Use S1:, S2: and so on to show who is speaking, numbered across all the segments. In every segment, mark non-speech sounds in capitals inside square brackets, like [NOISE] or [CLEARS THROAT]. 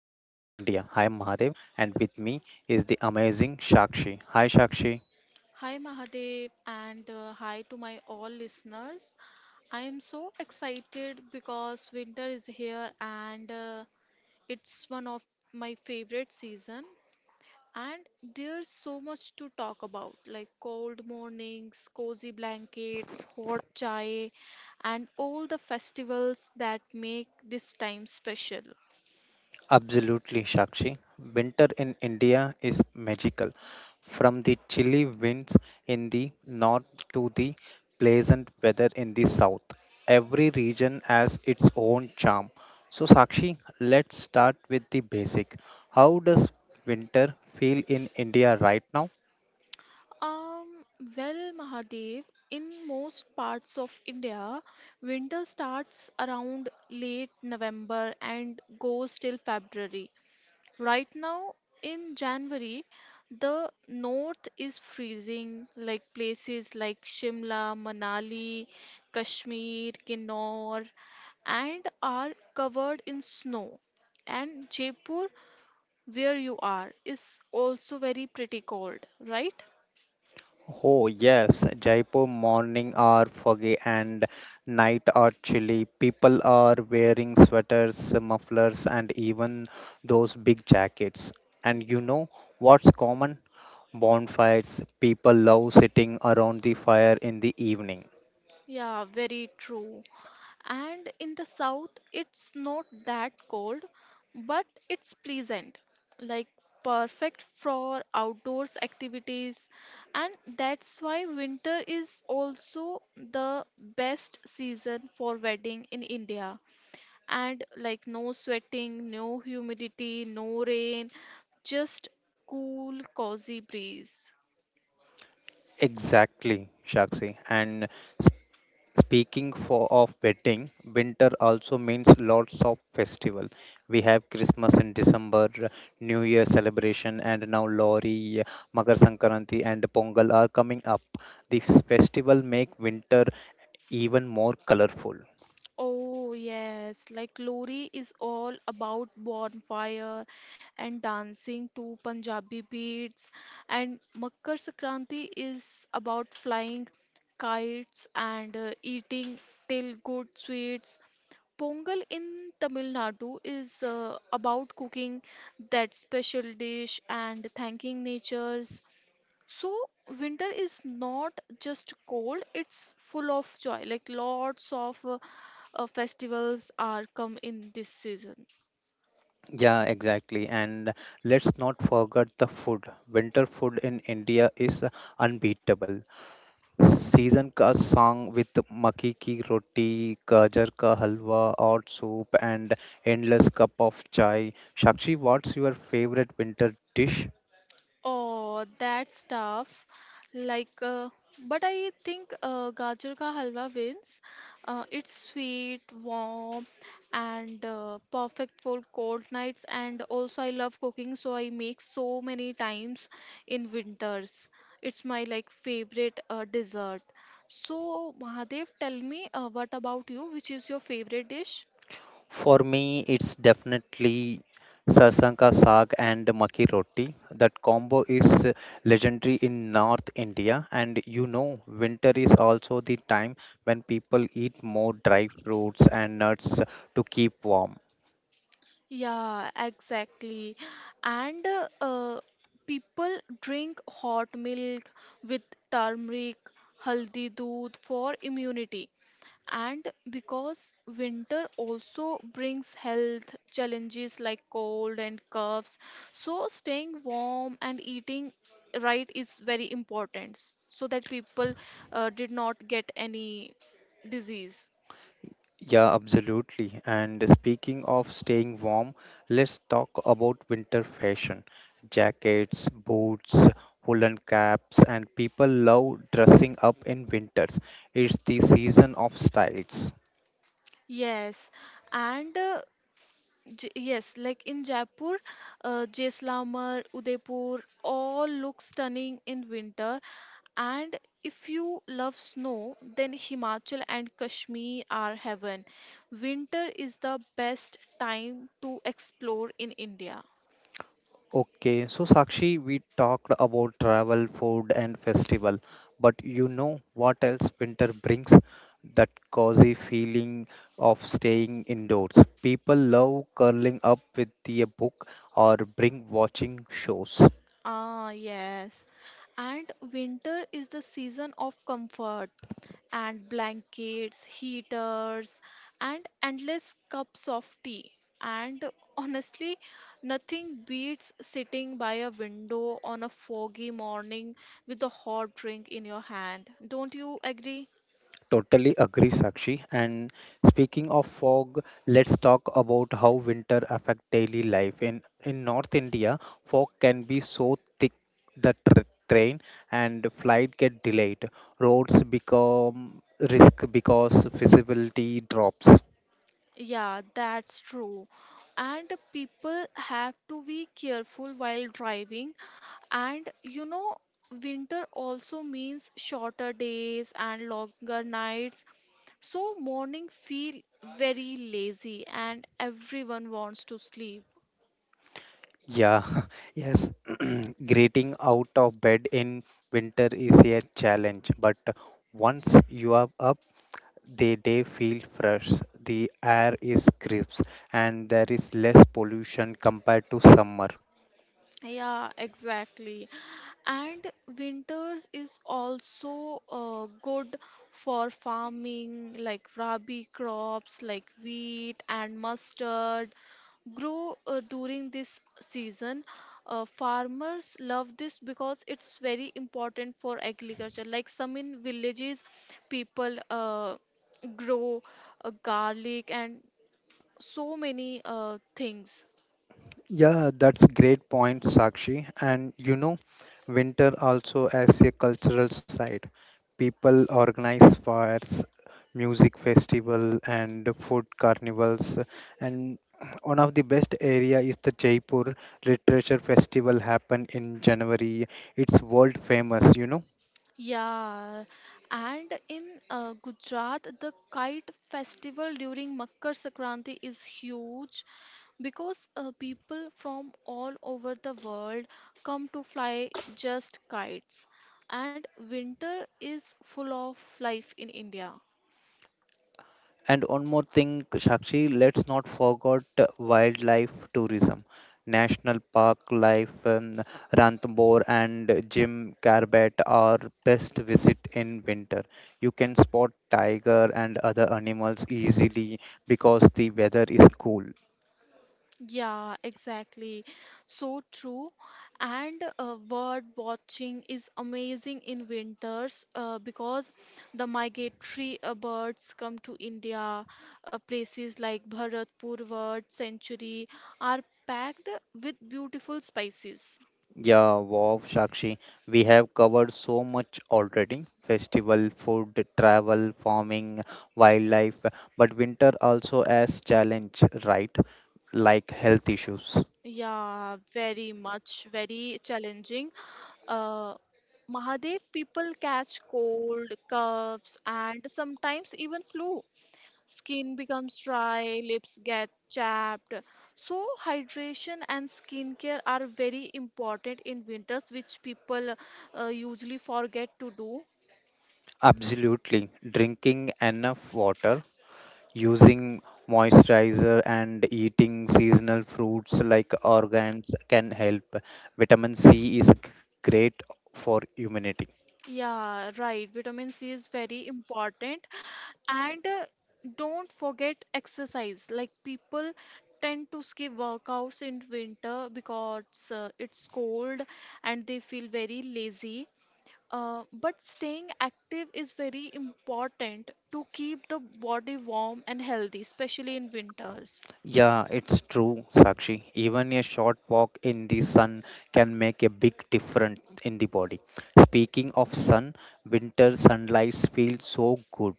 S1: India. I am Mahadev and with me is the amazing Shakshi. Hi Shakshi.
S2: Hi Mahadev and hi to my all listeners. I am so excited because winter is here and it's one of my favorite season and there's so much to talk about like cold mornings, cozy blankets, hot chai and all the festivals that make this time special.
S1: Absolutely Shakshi. Winter in India is magical. From the chilly winds in the north to the pleasant weather in the south, every region has its own charm. So Sakshi, let's start with the basic. How does winter feel in India right now?
S2: Um, well, Mahadev, in most parts of India, winter starts around late November and goes till February. Right now, in January, the north is freezing, like places like Shimla, Manali, Kashmir, Kinnaur, and are covered in snow. And Jaipur, where you are, is also very pretty cold, right?
S1: Oh, yes, Jaipur morning are foggy and night are chilly. People are wearing sweaters, mufflers, and even those big jackets. And you know what's common? Bonfires. People love sitting around the fire in the evening.
S2: Yeah, very true. And in the south, it's not that cold, but it's pleasant, like perfect for outdoors activities. And that's why winter is also the best season for wedding in India. And like no sweating, no humidity, no rain, just cool, cozy breeze.
S1: Exactly, Shakshi. And speaking for of betting, winter also means lots of festival. We have Christmas in December, New Year celebration, and now Lori, Makar Sankranti, and Pongal are coming up. These festival make winter even more colorful.
S2: Oh, yes, like Lori is all about bonfire and dancing to Punjabi beats, and Makar Sankranti is about flying kites and eating till good sweets. Pongal in Tamil Nadu is about cooking that special dish and thanking nature's so winter is not just cold, it's full of joy. Like lots of festivals are come in this season.
S1: Yeah, exactly. And let's not forget the food. Winter food in India is unbeatable. Season का song with मक्की की रोटी, गाजर का हलवा or soup and endless cup of chai. Shakshi, what's your favorite winter dish?
S2: Oh, that's tough. Like, uh, but I think Gajar ka halwa wins. It's sweet, warm, and perfect for cold nights. And also, I love cooking, so I make so many times in winters. It's my like favorite dessert. So, Mahadev, tell me what about you? Which is your favorite dish?
S1: For me, it's definitely sarson ka saag and makki roti. That combo is legendary in North India, and you know, winter is also the time when people eat more dry fruits and nuts to keep warm.
S2: Yeah, exactly. And people drink hot milk with turmeric, haldi doodh for immunity. And because winter also brings health challenges like cold and coughs, so staying warm and eating right is very important so that people did not get any disease.
S1: Yeah, absolutely. And speaking of staying warm, let's talk about winter fashion. Jackets, boots, woolen caps, and people love dressing up in winters. It's the season of styles.
S2: Yes, and yes, like in Jaipur, Jaisalmer, Udaipur, all look stunning in winter. And if you love snow, then Himachal and Kashmir are heaven. Winter is the best time to explore in India.
S1: Okay, so Sakshi, we talked about travel, food, and festival, but you know what else winter brings? That cozy feeling of staying indoors. People love curling up with the book or bring watching shows.
S2: Ah, yes. And winter is the season of comfort. And blankets, heaters, and endless cups of tea. And honestly, nothing beats sitting by a window on a foggy morning with a hot drink in your hand. Don't you agree?
S1: Totally agree, Sakshi. And speaking of fog, let's talk about how winter affect daily life. In North India, fog can be so thick that tr train and flight get delayed. Roads become risk because visibility drops.
S2: Yeah, that's true. And people have to be careful while driving. And you know, winter also means shorter days and longer nights. So morning feel very lazy and everyone wants to sleep.
S1: Yeah, [LAUGHS] yes. [CLEARS THROAT] Getting out of bed in winter is a challenge, but once you are up, they feel fresh, the air is crisp, and there is less pollution compared to summer.
S2: Yeah, exactly. And winters is also good for farming, like rabi crops like wheat and mustard grow during this season. Farmers love this because it's very important for agriculture. Like some in villages, people grow garlic and so many things.
S1: Yeah, that's great point, Sakshi. And you know, winter also as a cultural side. People organize fires, music festival, and food carnivals. And one of the best area is the Jaipur Literature Festival happen in January. It's world famous, you know.
S2: Yeah, and in Gujarat, the kite festival during Makar Sankranti is huge because people from all over the world come to fly just kites, and winter is full of life in India.
S1: And one more thing, Sakshi, let's not forget wildlife tourism, national park life, Ranthambore and Jim Corbett are best visit in winter. You can spot tiger and other animals easily because the weather is cool.
S2: Yeah, exactly. So true. And bird watching is amazing in winters because the migratory birds come to India. Places like Bharatpur Bird Sanctuary are packed with beautiful species.
S1: Yeah, wow, Sakshi, we have covered so much already. Festival, food, travel, farming, wildlife, but winter also has challenge, right? Like health issues.
S2: Yeah, very much, very challenging. Uh, Mahadev, people catch cold, coughs, and sometimes even flu. Skin becomes dry, lips get chapped. So, hydration and skincare are very important in winters, which people usually forget to do.
S1: Absolutely. Drinking enough water, using moisturizer, and eating seasonal fruits like organs can help. Vitamin C is great for immunity.
S2: Yeah, right. Vitamin C is very important. And don't forget exercise. Like people tend to skip workouts in winter because it's cold and they feel very lazy. But staying active is very important to keep the body warm and healthy, especially in winters.
S1: Yeah, it's true, Sakshi. Even a short walk in the sun can make a big difference in the body. Speaking of sun, winter sunlight feels so good.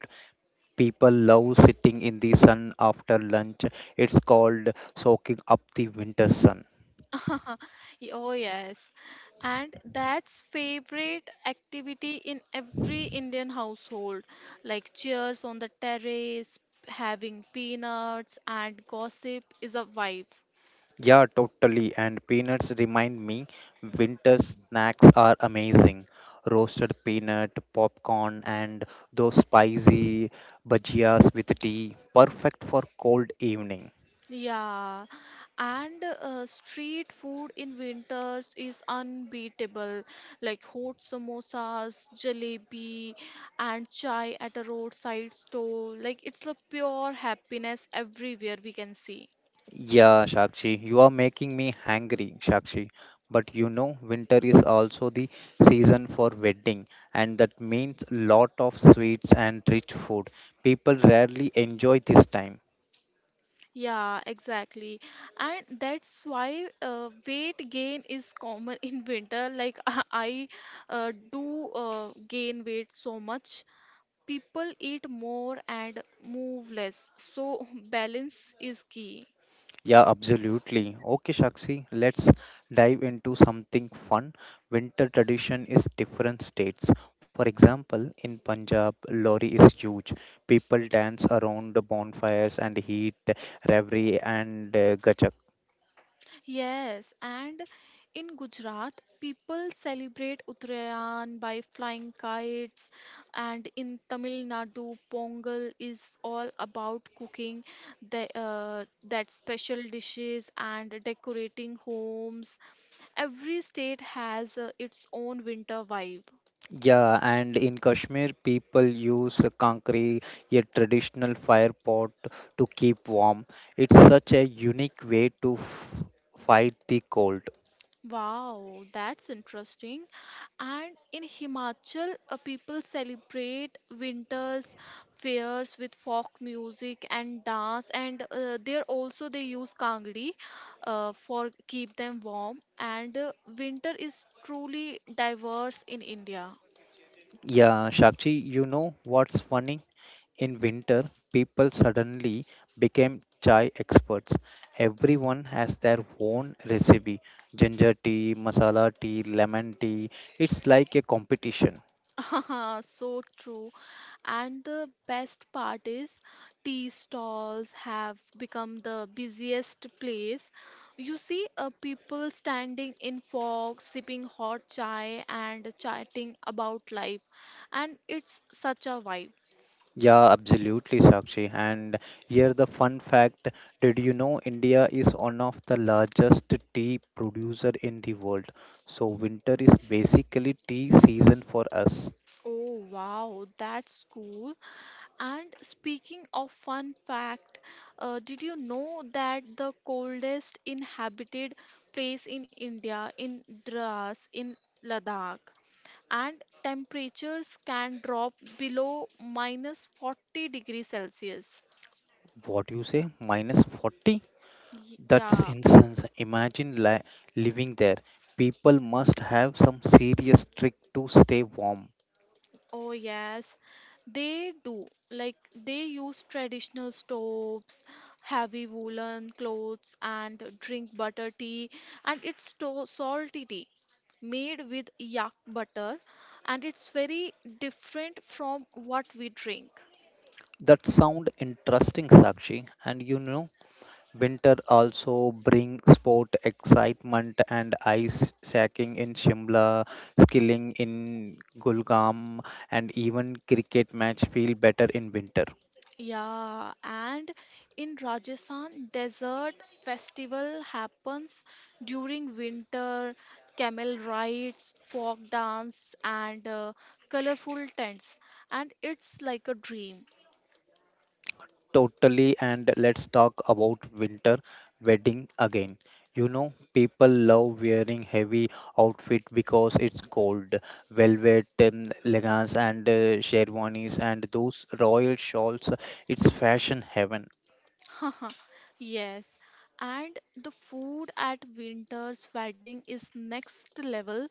S1: People love sitting in the sun after lunch. It's called soaking up the winter sun.
S2: [LAUGHS] Oh, yes. And that's favorite activity in every Indian household, like chairs on the terrace, having peanuts and gossip is a vibe.
S1: Yeah, totally. And peanuts remind me winter snacks are amazing. Roasted peanut, popcorn, and those spicy bhajias with tea. Perfect for cold evening.
S2: Yeah, and street food in winters is unbeatable, like hot samosas, jalebi, and chai at a roadside stall. Like it's a pure happiness everywhere we can see.
S1: Yeah, Shakshi, you are making me hangry, Shakshi. But you know, winter is also the season for wedding, and that means lot of sweets and rich food. People rarely enjoy this time.
S2: Yeah, exactly. And that's why weight gain is common [LAUGHS] in winter. Like [LAUGHS] I do gain weight so much. People eat more and move less, so [LAUGHS] balance is key.
S1: Yeah, absolutely. Okay, Shakshi, let's dive into something fun. Winter tradition is different states. For example, in Punjab, Lori is huge. People dance around the bonfires and heat reverie and gachak.
S2: Yes, and in Gujarat, people celebrate Uttarayan by flying kites, and in Tamil Nadu, Pongal is all about cooking that special dishes and decorating homes. Every state has its own winter vibe.
S1: Yeah, and in Kashmir, people use kankri, a traditional fire pot, to keep warm. It's such a unique way to fight the cold.
S2: Wow, that's interesting. And in Himachal, people celebrate winters fairs with folk music and dance, and there also they use kangri for keep them warm. And winter is truly diverse in India.
S1: Yeah, Shakshi, you know what's funny? In winter, people suddenly became chai experts. Everyone has their own recipe ginger tea, masala tea, lemon tea. It's like a competition.
S2: [LAUGHS] So true. And the best part is, tea stalls have become the busiest place. You see people standing in fog, sipping hot chai, and chatting about life. And it's such a vibe.
S1: Yeah, absolutely, Sakshi. And here the fun fact, did you know India is one of the largest tea producer in the world? So winter is basically tea season for us.
S2: Oh, wow, that's cool. And speaking of fun fact, did you know that the coldest inhabited place in India, in Dras, in Ladakh? And temperatures can drop below minus 40 degrees Celsius.
S1: What do you say? Minus 40? That's
S2: Yeah,
S1: incense. Imagine li living there. People must have some serious trick to stay warm.
S2: oh yes, they do. Like they use traditional stoves, heavy woolen clothes, and drink butter tea, and salty tea made with yak butter, and it's very different from what we drink.
S1: That sound interesting, Sakshi. And you know, winter also brings sport excitement and ice sacking in Shimla, skilling in Gulgam, and even cricket match feel better in winter.
S2: Yeah, and in Rajasthan, desert festival happens during winter, camel rides, folk dance, and colorful tents, and it's like a dream.
S1: Totally, and let's talk about winter wedding again. You know, people love wearing heavy outfit because it's cold. Velvet, leggings, and sherwanis, and those royal shawls. It's fashion heaven.
S2: [LAUGHS] Yes, and the food at winter's wedding is next level,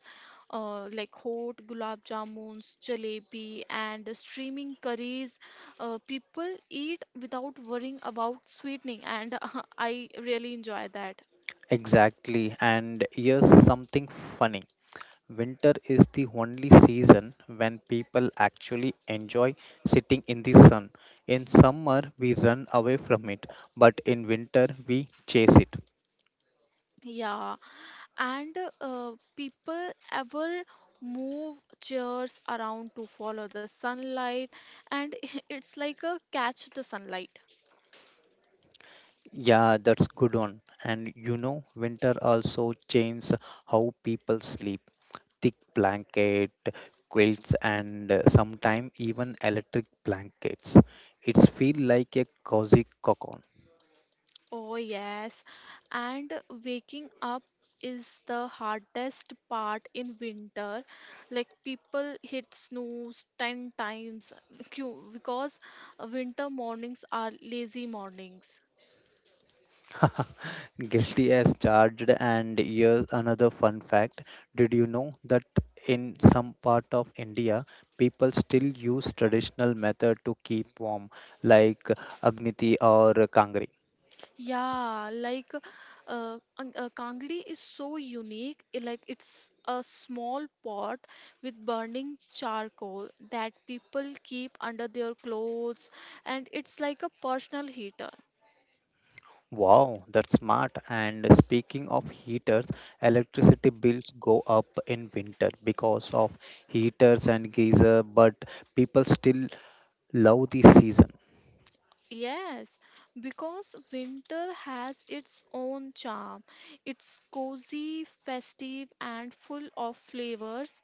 S2: like hot gulab jamuns, jalebi, and steaming curries. People eat without worrying about sweetening, and [LAUGHS] I really enjoy that.
S1: Exactly. And here's something funny. Winter is the only season when people actually enjoy sitting in the sun. In summer, we run away from it, but in winter, we chase it.
S2: Yeah, and people ever move chairs around to follow the sunlight, and [LAUGHS] it's like a catch the sunlight.
S1: Yeah, that's good one. And you know, winter also changes how people sleep. Thick blanket, quilts, and sometimes even electric blankets. It's feel like a cozy cocoon.
S2: Oh, yes. And waking up is the hardest part in winter. Like people hit snooze 10 times [LAUGHS] because winter mornings are lazy mornings.
S1: [LAUGHS] Guilty as charged, and here's another fun fact. Did you know that in some part of India, people still use traditional method to keep warm, like Agniti or Kangri?
S2: Yeah, like Kangri is so unique. Like it's a small pot with burning charcoal that people keep under their clothes, and it's like a personal heater.
S1: Wow, that's smart. And speaking of heaters, electricity bills go up in winter because of heaters and geyser, but people still love the season.
S2: Yes, because winter has its own charm. It's cozy, festive, and full of flavors.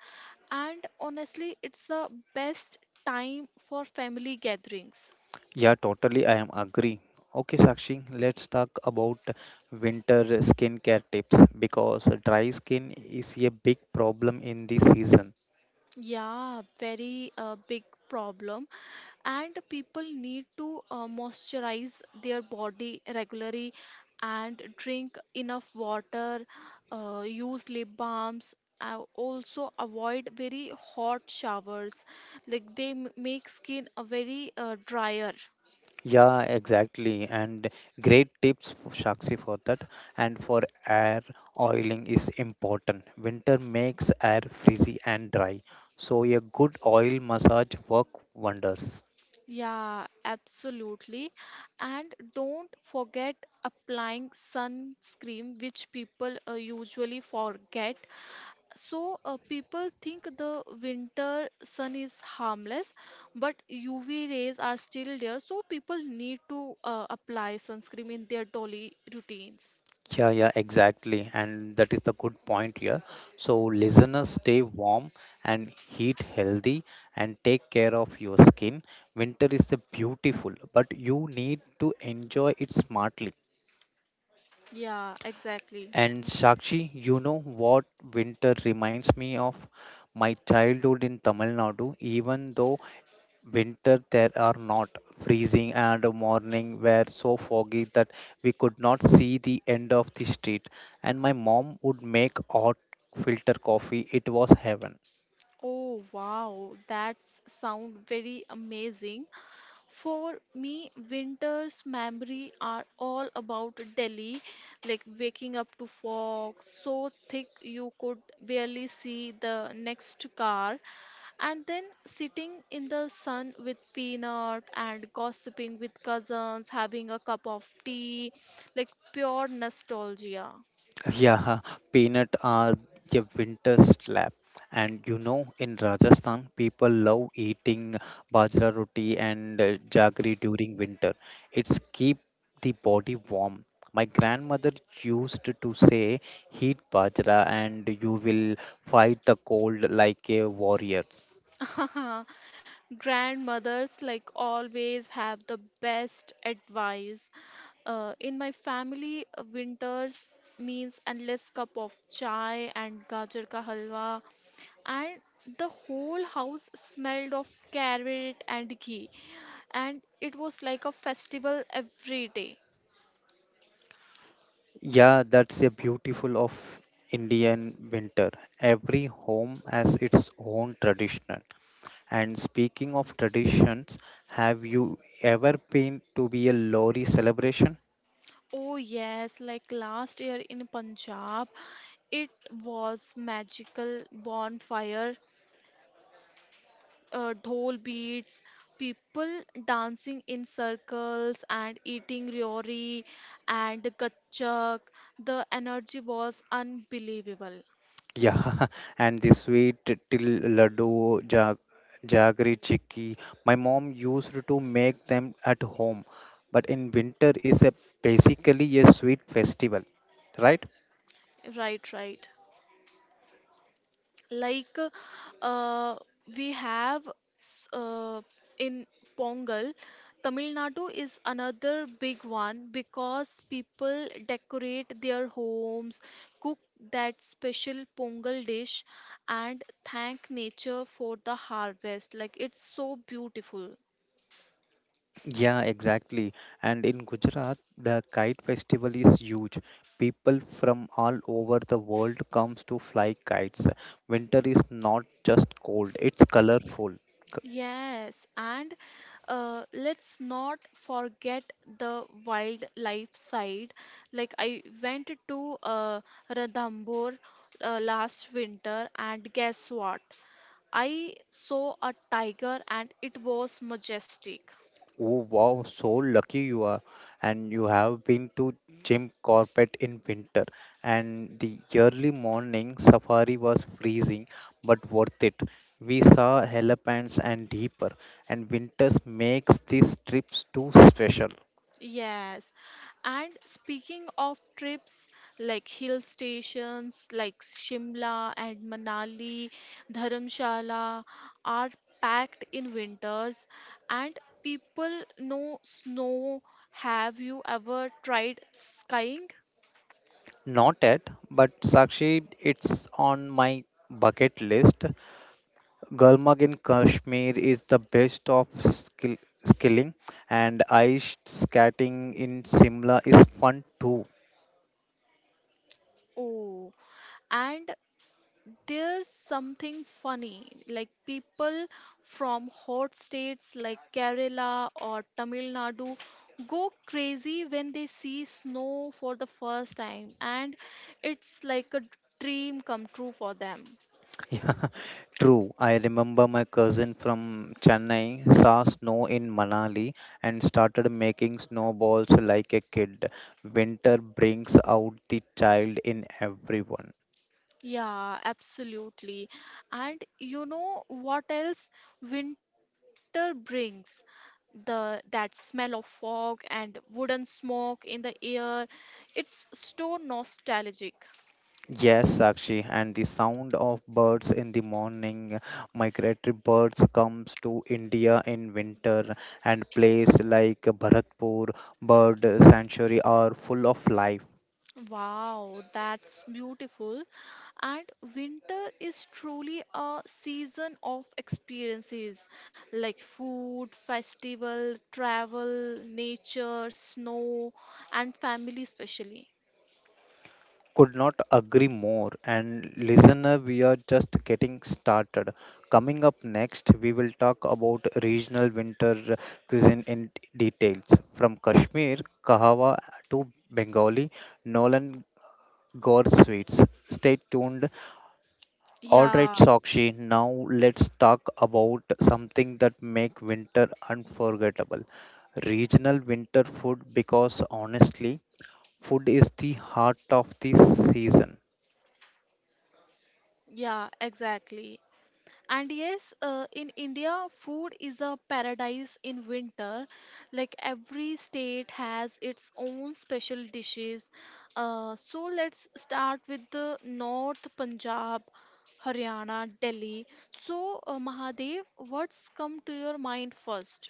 S2: And honestly, it's the best time for family gatherings.
S1: Yeah, totally. I am agree. Okay, Sakshi, let's talk about winter skincare tips because dry skin is a big problem in this season.
S2: Yeah, very big problem. And people need to moisturize their body regularly and drink enough water, use lip balms. Also avoid very hot showers like they make skin a very drier.
S1: Yeah, exactly. And great tips, for Sakshi, for that. And for air oiling is important. Winter makes air frizzy and dry. So a good oil massage work wonders.
S2: Yeah, absolutely, and don't forget applying sunscreen which people usually forget. So, people think the winter sun is harmless, but UV rays are still there. So, people need to apply sunscreen in their daily routines.
S1: Yeah, yeah, exactly. And that is the good point here. So, listeners, stay warm and heat healthy and take care of your skin. Winter is the beautiful, but you need to enjoy it smartly.
S2: Yeah, exactly.
S1: And Sakshi, you know what winter reminds me of? My childhood in Tamil Nadu, even though winter there are not freezing and morning were so foggy that we could not see the end of the street and my mom would make hot filter coffee. It was heaven.
S2: Oh, wow, that's sound very amazing. For me, winter's memory are all about Delhi, like waking up to fog so thick you could barely see the next car, and then sitting in the sun with peanut and gossiping with cousins, having a cup of tea, like pure nostalgia.
S1: Yeah, peanut are the winter slab. And you know, in Rajasthan, people love eating bajra roti and jaggery during winter. It's keep the body warm. My grandmother used to say, heat bajra and you will fight the cold like a warrior.
S2: [LAUGHS] Grandmothers like always have the best advice. In my family, winters means endless cup of chai and gajar ka halwa and the whole house smelled of carrot and ghee and it was like a festival every day.
S1: Yeah, that's a beautiful of Indian winter. Every home has its own tradition. And speaking of traditions, have you ever been to be a lorry celebration?
S2: Oh yes, like last year in Punjab, it was magical. Bonfire, dhol beats, people dancing in circles and eating ryori and gachak. The energy was unbelievable.
S1: Yeah, [LAUGHS] and the sweet till laddu, jaggery, chicky. My mom used to make them at home, but in winter is a basically a sweet festival, right?
S2: Right, right, like uh, we have s- uh, in pongal, Tamil Nadu is another big one because people decorate their homes, cook that special pongal dish and thank nature for the harvest, like it's so beautiful.
S1: Yeah, exactly. And in Gujarat, the kite festival is huge. People from all over the world comes to fly kites. Winter is not just cold, it's colorful. C-
S2: Yes, and let's not forget the wildlife side. Like I went to Ranthambore last winter, and guess what? I saw a tiger, and it was majestic.
S1: Oh wow, so lucky you are. And you have been to Jim Corbett in winter. And the early morning safari was freezing, but worth it. We saw elephants and deeper, and winters makes these trips too special.
S2: Yes, and speaking of trips like hill stations like Shimla and Manali, Dharamshala are packed in winters and people know snow. Have you ever tried skiing?
S1: Not yet, but Sakshi, it's on my bucket list. Gulmarg in Kashmir is the best of skilling, and ice skating in Simla is fun too.
S2: Oh, and there's something funny like people from hot states like Kerala or Tamil Nadu go crazy when they see snow for the first time and it's like a dream come true for them.
S1: [LAUGHS] Yeah, true. I remember my cousin from Chennai saw snow in Manali and started making snowballs like a kid. Winter brings out the child in everyone.
S2: Yeah, absolutely. And you know what else winter brings, the that smell of fog and wooden smoke in the air, it's so nostalgic.
S1: Yes, Sakshi, and the sound of birds in the morning. Migratory birds comes to India in winter, and place like Bharatpur Bird Sanctuary are full of life.
S2: Wow, that's beautiful. And winter is truly a season of experiences like food, festival, travel, nature, snow, and family, especially.
S1: Could not agree more. And listener, we are just getting started. Coming up next, we will talk about regional winter cuisine in details from Kashmir kahawa to Bengali Nolan gore sweets. Stay tuned. All right,
S2: Yeah,
S1: Sakshi, now let's talk about something that make winter unforgettable. Regional winter food because honestly, food is the heart of the season.
S2: yeah, exactly. And yes, in India, food is a paradise in winter. Like every state has its own special dishes. So let's start with the North Punjab, Haryana, Delhi. So, Mahadev, what's come to your mind first?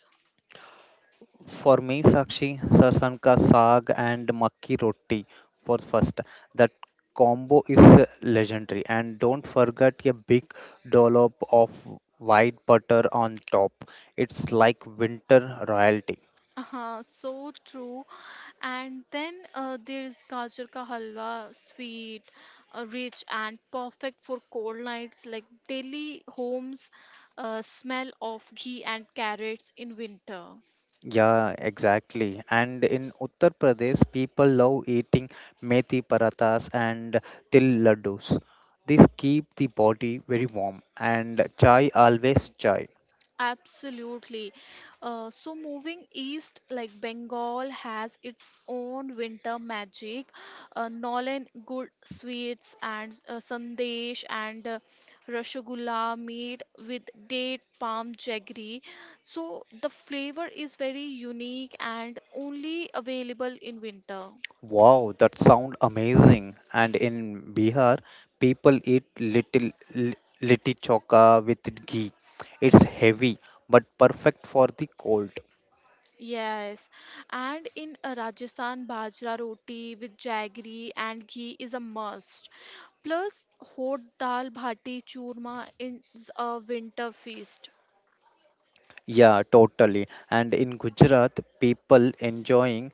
S1: For me, Sakshi, sarson ka saag and makki roti for first. That combo is legendary and don't forget a big dollop of white butter on top. It's like winter royalty.
S2: Uh-huh, so true. And then there is gajar ka halwa, sweet, rich, and perfect for cold nights. Like Delhi homes smell of ghee and carrots in winter.
S1: Yeah, exactly. And in Uttar Pradesh, people love eating methi parathas and til laddus. These keep the body very warm. And chai always chai.
S2: Absolutely. So moving east, like Bengal has its own winter magic. Nolan good sweets and sandesh and rasgulla made with date palm jaggery. So the flavor is very unique and only available in winter.
S1: Wow, that sound amazing. And in Bihar, people eat litti choka with ghee. It's heavy but perfect for the cold.
S2: Yes, and in Rajasthan, bajra roti with jaggery and ghee is a must. Plus, hot dal bhati churma is a winter feast.
S1: Yeah, totally. And in Gujarat, people enjoying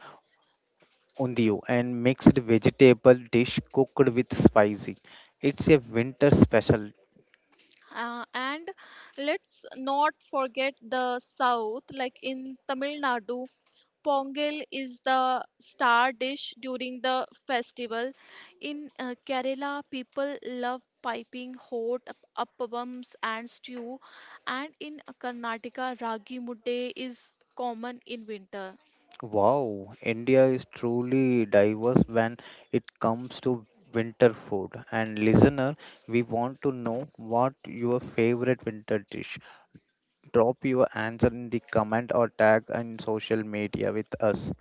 S1: undiyo and mixed vegetable dish cooked with spicy. It's a winter special.
S2: And let's not forget the south, like in Tamil Nadu, Pongal is the star dish during the festival. In Kerala, people love piping hot appams and stew, and in Karnataka, ragi mudde is common in winter.
S1: Wow, India is truly diverse when it comes to winter food. And listener, we want to know what your favorite winter dish. Drop your answer in the comment or tag on social media with us.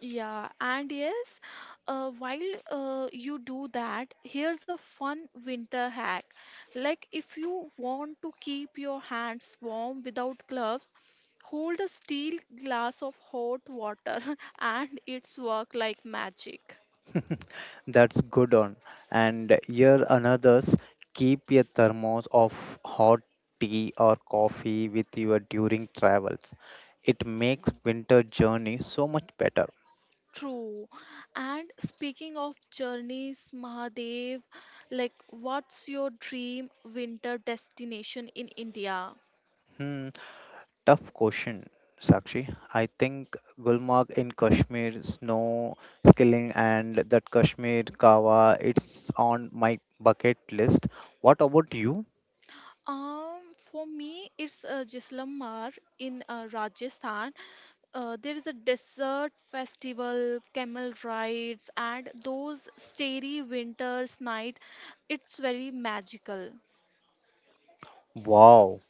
S2: Yeah, and yes, while you do that, here's a fun winter hack. Like, if you want to keep your hands warm without gloves, hold a steel glass of hot water, [LAUGHS] and it's work like magic.
S1: That's good on. And here another's keep a thermos of hot tea or coffee with you during travels. It makes winter journey so much better.
S2: True. And speaking of journeys, Mahadev, like, what's your dream winter destination in India?
S1: Hmm, tough question, Sakshi. I think Gulmarg in Kashmir, snow skilling and that Kashmir kawa, it's on my bucket list. What about you?
S2: For me, it's Jaisalmer in Rajasthan. There is a desert festival, camel rides, and those starry winters night. It's very magical.
S1: Wow,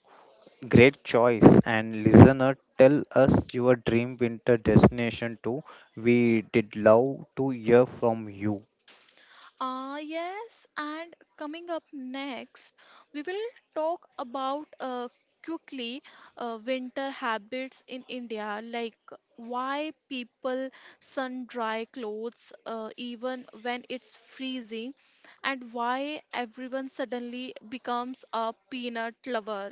S1: great choice. And listener, tell us your dream winter destination too. We did love to hear from you.
S2: Ah, yes, and coming up next, we will talk about quickly winter habits in India, like why people sun dry clothes even when it's freezing, and why everyone suddenly becomes a peanut lover.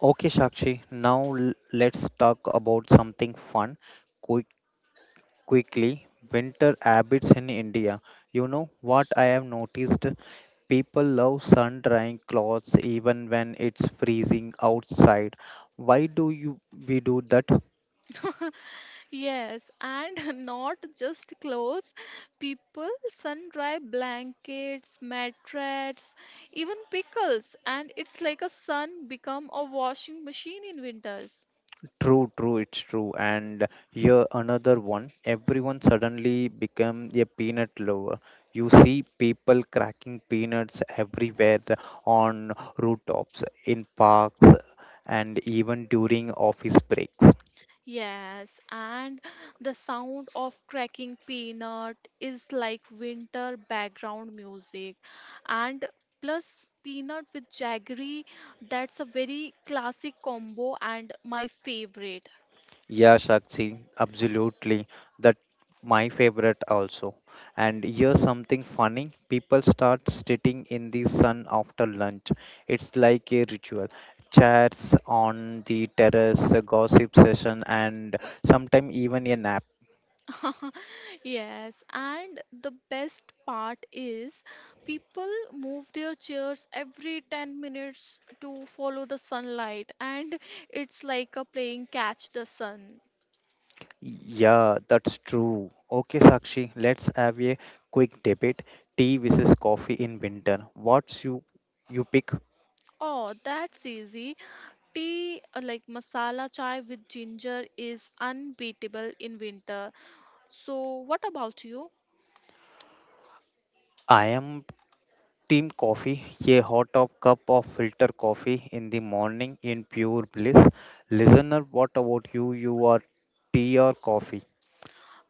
S1: Okay, Shakshi, now let's talk about something fun. Quick, quickly, winter habits in India. You know what I have noticed? People love sun drying clothes even when it's freezing outside. Why do you we do that?
S2: [LAUGHS] Yes, and [LAUGHS] not just clothes. People sun-dry blankets, mattresses, even pickles, and it's like a sun become a washing machine in winters.
S1: It's true. And here another one. Everyone suddenly become a peanut lover. You see people cracking peanuts everywhere on rooftops, in parks, and even during office breaks.
S2: Yes, and the sound of cracking peanut is like winter background music, and plus peanut with jaggery, that's a very classic combo and my favorite.
S1: Yeah, Shakti, absolutely. That my favorite also. And here's something funny. People start sitting in the sun after lunch. It's like a ritual. Chats on the terrace, a gossip session, and sometimes even a nap.
S2: [LAUGHS] Yes, and the best part is people move their chairs every 10 minutes to follow the sunlight, and it's like a playing catch the sun.
S1: Yeah, that's true. Okay, Sakshi, let's have a quick debate. Tea versus coffee in winter. What's you pick?
S2: Oh, that's easy. Tea like masala chai with ginger is unbeatable in winter. So, what about you?
S1: I am Team coffee, a hot top cup of filter coffee in the morning in pure bliss. Listener, what about you? You are tea or coffee?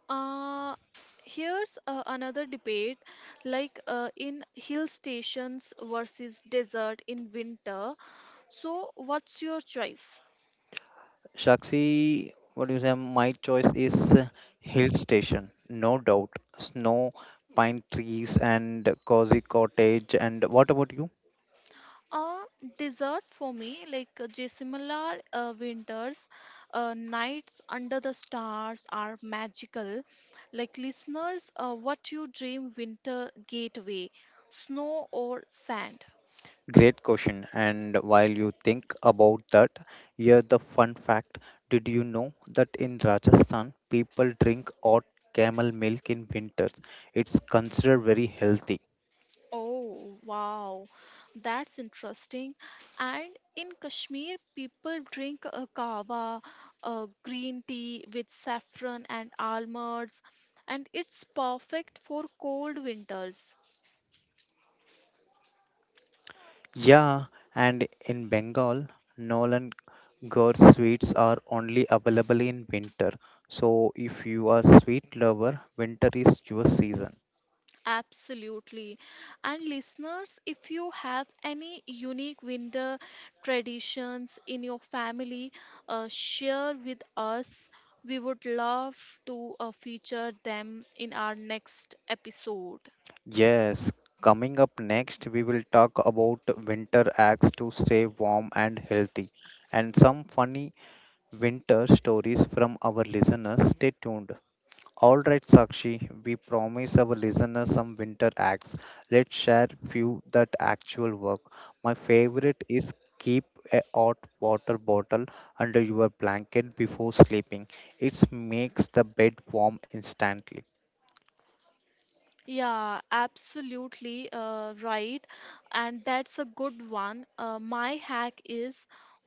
S2: Uh, here's another debate like in hill stations versus desert in winter. So, what's your choice?
S1: Shakshi, what do you say? My choice is hill station, no doubt. Snow, pine trees, and cozy cottage. And what about you?
S2: A dessert for me, like Jaisalmer winters, nights under the stars are magical. Like listeners, what you dream winter gateway, snow or sand?
S1: Great question. And while you think about that, here the fun fact. Did you know that in Rajasthan, people drink hot camel milk in winters? It's considered very healthy.
S2: Oh, wow. That's interesting. And in Kashmir, people drink a kava, a green tea with saffron and almonds, and it's perfect for cold winters.
S1: Yeah, and in Bengal, Nolan Gore sweets are only available in winter. So if you are sweet lover, winter is your season.
S2: Absolutely. And listeners, if you have any unique winter traditions in your family, share with us. We would love to feature them in our next episode.
S1: Yes, coming up next, we will talk about winter acts to stay warm and healthy and some funny winter stories from our listeners. Stay tuned. All right, Sakshi, we promise our listeners some winter acts. Let's share few that actual work. My favorite is keep a hot water bottle under your blanket before sleeping. It makes the bed warm instantly.
S2: Yeah, absolutely right. And that's a good one. My hack is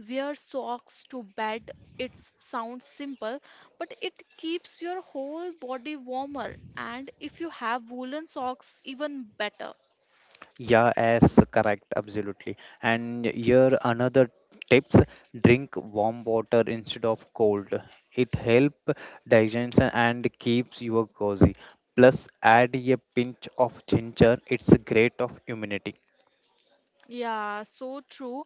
S2: wear socks to bed. It sounds simple, but it keeps your whole body warmer. And if you have woolen socks, even better.
S1: Yeah, as correct, absolutely. And here another tips: drink warm water instead of cold. It help digestion and keeps you cozy. Plus, add a pinch of ginger. It's great of immunity.
S2: Yeah, so true.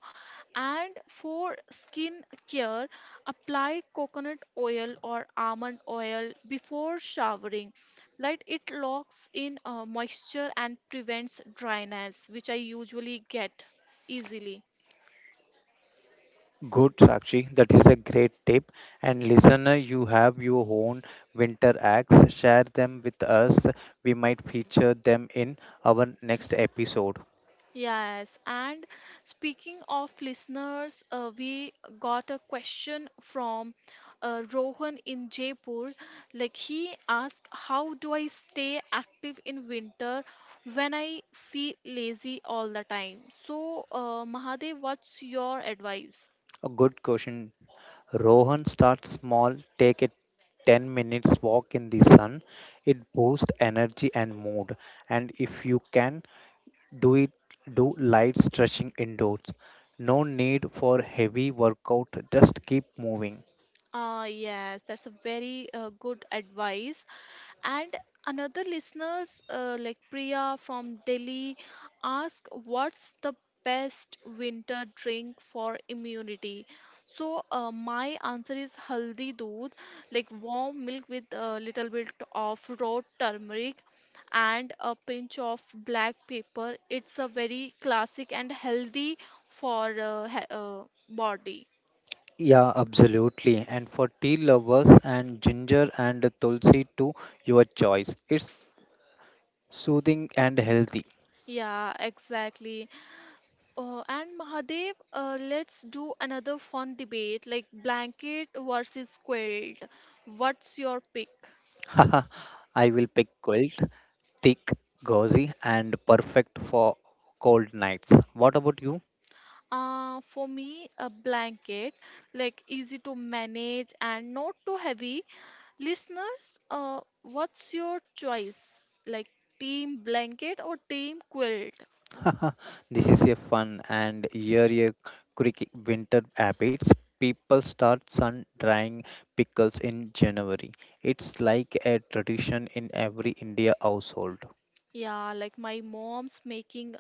S2: And for skin care, apply coconut oil or almond oil before showering. Like it locks in moisture and prevents dryness, which I usually get easily.
S1: Good, Sakshi. That is a great tip. And listener, you have your own winter acts. Share them with us. We might feature them in our next episode.
S2: Yes, and speaking of listeners, we got a question from Rohan in Jaipur. Like he asked, how do I stay active in winter when I feel lazy all the time? So, Mahadev, what's your advice?
S1: A good question, Rohan starts small, take a 10 minutes walk in the sun. It boosts energy and mood. And if you can, do it do light stretching indoors. No need for heavy workout, just keep moving.
S2: Ah, yes, that's a very good advice. And another listeners like Priya from Delhi ask what's the best winter drink for immunity. So my answer is haldi doodh, like warm milk with a little bit of raw turmeric and a pinch of black pepper. It's a very classic and healthy for body.
S1: Yeah, absolutely. And for tea lovers and ginger and tulsi too, your choice. It's soothing and healthy.
S2: Yeah, exactly. And Mahadev, let's do another fun debate like blanket versus quilt. What's your pick?
S1: [LAUGHS] I will pick quilt, thick, gauzy, and perfect for cold nights. What about you?
S2: For me, a blanket, like easy to manage and not too heavy. Listeners, what's your choice? Like team blanket or team quilt?
S1: [LAUGHS] This is a fun and year quick winter habits. People start sun drying pickles in January. It's like a tradition in every India household.
S2: Yeah, like my mom's making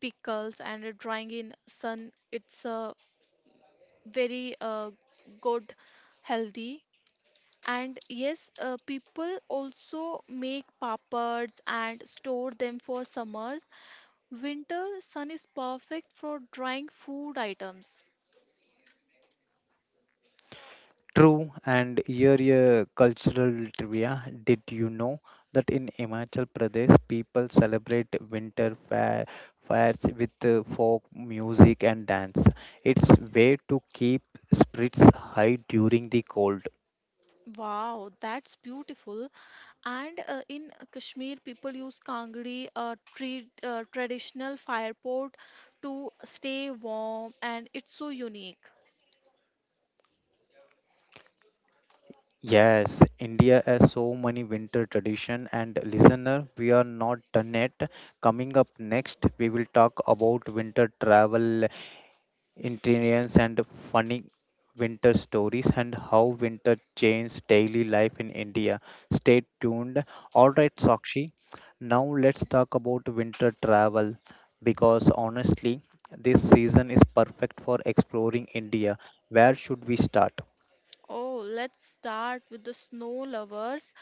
S2: pickles and drying in sun. It's very good, healthy. And yes, people also make papads and store them for summers. Winter sun is perfect for drying food items.
S1: True, and here a cultural trivia. Did you know that in Himachal Pradesh, people celebrate fairs with folk music and dance? It's way to keep spirits high during the cold.
S2: Wow, that's beautiful. And in Kashmir, people use kangri, a tree, traditional fire pot, to stay warm, and it's so unique.
S1: Yes, India has so many winter tradition, and listener, we are not done yet. Coming up next, we will talk about winter travel interiors and funny winter stories and how winter changed daily life in India. Stay tuned. All right, Sakshi. Now let's talk about winter travel because honestly, this season is perfect for exploring India. Where should we start?
S2: Oh, let's start with the snow lovers.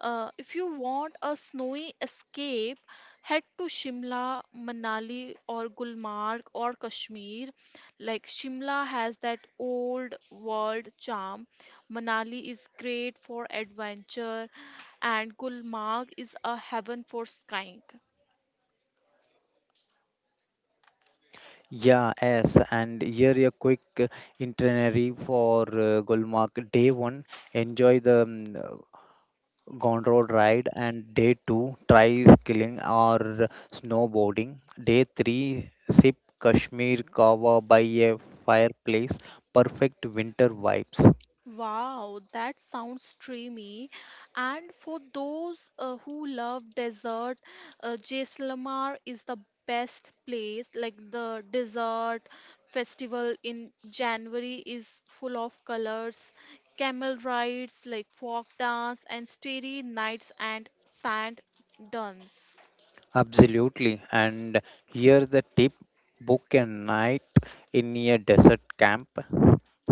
S2: If you want a snowy escape, head to Shimla, Manali, or Gulmarg or Kashmir. Like Shimla has that old world charm. Manali is great for adventure, and Gulmarg is a heaven for skiing.
S1: Yeah, Yes, and here a quick itinerary for Gulmarg. Day one, enjoy the gone ride and day 2 try skiing or snowboarding, day 3 sip kashmir kava by a fireplace, perfect winter vibes.
S2: Wow, that sounds dreamy. And for those who love dessert, Jaisalmer is the best place. Like the dessert festival in January is full of colors, camel rides, like folk dance, and starry nights and sand dunes.
S1: Absolutely, and here's the tip, book a night in a desert camp,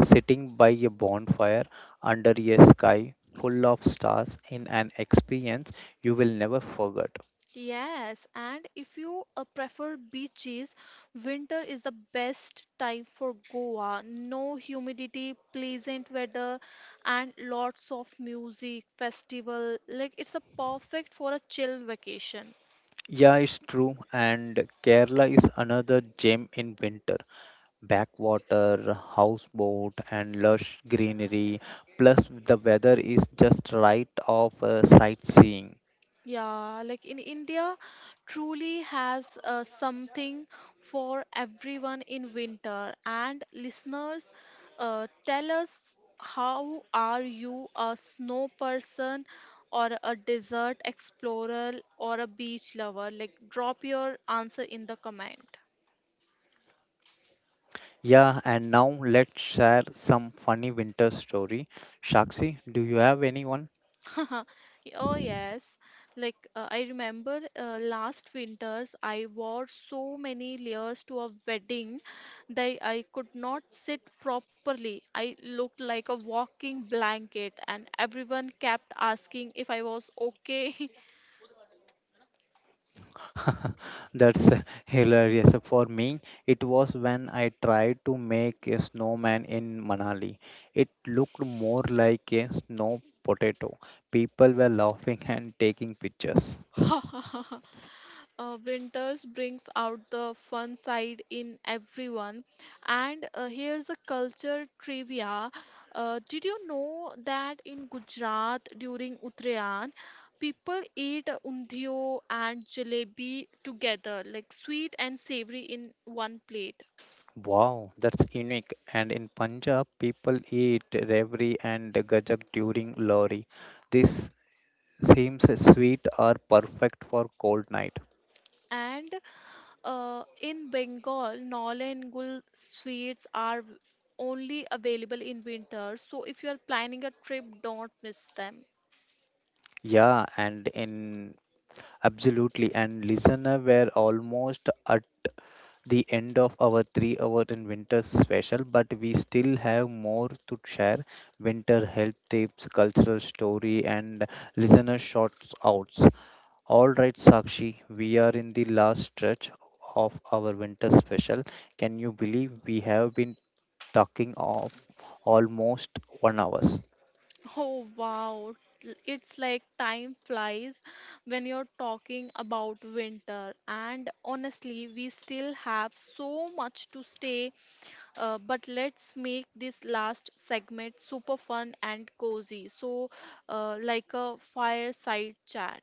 S1: sitting by a bonfire under a sky full of stars in an experience you will never forget.
S2: Yes, and if you prefer beaches, winter is the best time for Goa. No humidity, pleasant weather, and lots of music, festival. Like it's a perfect for a chill vacation.
S1: Yeah, it's true. And Kerala is another gem in winter. Backwater, houseboat, and lush greenery. Plus, the weather is just right of sightseeing.
S2: Yeah, like in India, truly has something for everyone in winter. And listeners, tell us how are you a snow person or a desert explorer or a beach lover? Like, drop your answer in the comment.
S1: Yeah, and now let's share some funny winter story. Shakshi, do you have anyone?
S2: [LAUGHS] Oh, yes. Like, I remember last winters, I wore so many layers to a wedding that I could not sit properly. I looked like a walking blanket, and everyone kept asking if I was okay.
S1: [LAUGHS] That's hilarious. For me, it was when I tried to make a snowman in Manali. It looked more like a snow potato. People were laughing and taking pictures.
S2: [LAUGHS] Winters brings out the fun side in everyone. And here's a culture trivia. Did you know that in Gujarat during Uttarayan, people eat undhiyo and jalebi together, like sweet and savory in one plate?
S1: Wow, that's unique. And in Punjab, people eat Revri and Gajak during Lohri. This seems sweet or perfect for cold night.
S2: And in Bengal, Nol and Gul sweets are only available in winter. So if you are planning a trip, don't miss them.
S1: Yeah, and in absolutely, and listener were almost at. The end of our 3 hour in winter special, but we still have more to share winter health tips, cultural story, and listener shorts outs. All right, Sakshi, we are in the last stretch of our winter special. Can you believe we have been talking of almost 1 hours?
S2: Oh wow, it's like time flies when you're talking about winter. And honestly, we still have so much to stay, but let's make this last segment super fun and cozy. So, like a fireside chat.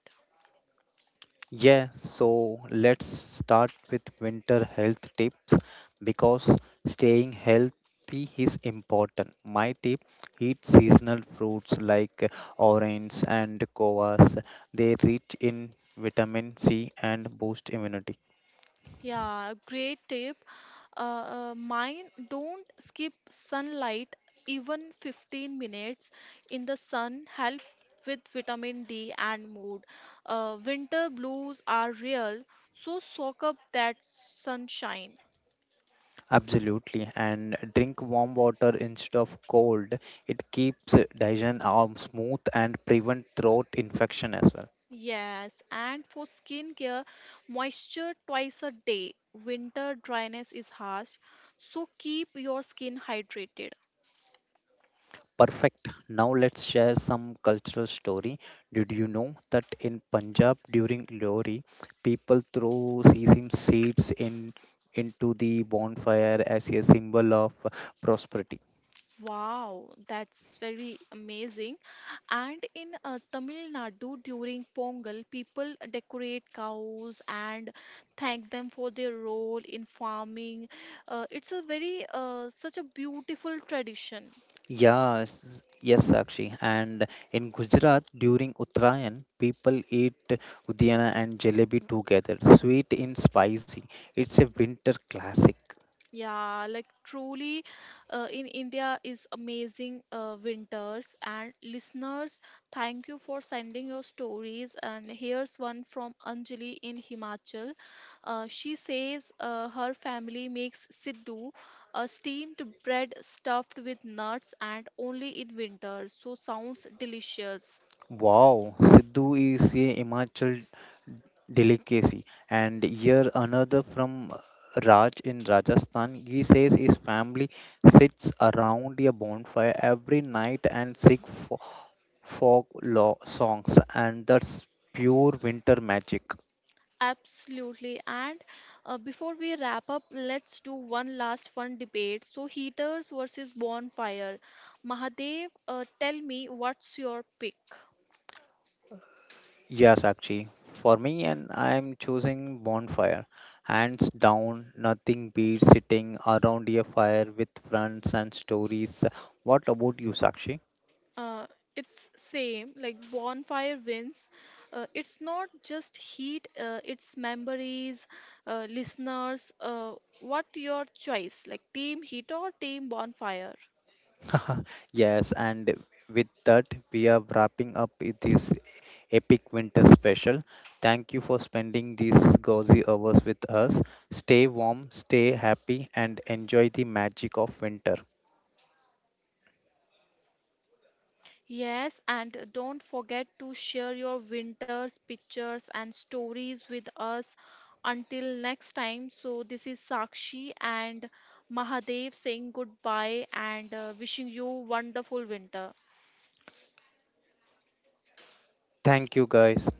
S1: Yeah, so let's start with winter health tips because staying healthy is important. My tip eat seasonal fruits like oranges and guavas. They rich in vitamin C and boost immunity.
S2: Yeah, great tip. Uh, mine don't skip sunlight, even 15 minutes in the sun help with vitamin D and mood. Winter blues are real, so soak up that sunshine.
S1: Absolutely. And drink warm water instead of cold. It keeps digestion smooth and prevent throat infection as well.
S2: Yes, and for skincare, moisture twice a day. Winter dryness is harsh, so keep your skin hydrated.
S1: Perfect. Now let's share some cultural story. Did you know that in Punjab during Lohri, people throw sesame seeds in into the bonfire as a symbol of prosperity?
S2: Wow, that's very amazing. And in Tamil Nadu during Pongal, people decorate cows and thank them for their role in farming. It's a very such a beautiful tradition.
S1: Yes, yes, Sakshi. And in Gujarat during Uttarayan, people eat udiana and jalebi together, sweet and spicy. It's a winter classic.
S2: Yeah, like truly in India is amazing winters and listeners, thank you for sending your stories and here's one from Anjali in Himachal. She says her family makes siddhu, a steamed bread stuffed with nuts and only in winter. So sounds delicious.
S1: Wow, Sidhu is a Himachal delicacy. And here another from raj in rajasthan. He says his family sits around a bonfire every night and sing folk law songs, and that's pure winter magic.
S2: Absolutely. And before we wrap up, let's do one last fun debate. So, heaters versus bonfire. Mahadev, tell me what's your pick?
S1: Yes, actually, for me, and I am choosing bonfire, hands down, nothing beats sitting around a fire with friends and stories. What about you, sakshi?
S2: Uh, it's same like bonfire wins. It's not just heat, it's memories, listeners. What your choice? Like team heat or team bonfire?
S1: [LAUGHS] Yes, and with that, we are wrapping up this epic winter special. Thank you for spending these gauzy hours with us. Stay warm, stay happy, and enjoy the magic of winter.
S2: Yes, and don't forget to share your winters, pictures, and stories with us. Until next time, so this is Sakshi and Mahadev saying goodbye and wishing you wonderful winter.
S1: Thank you, guys.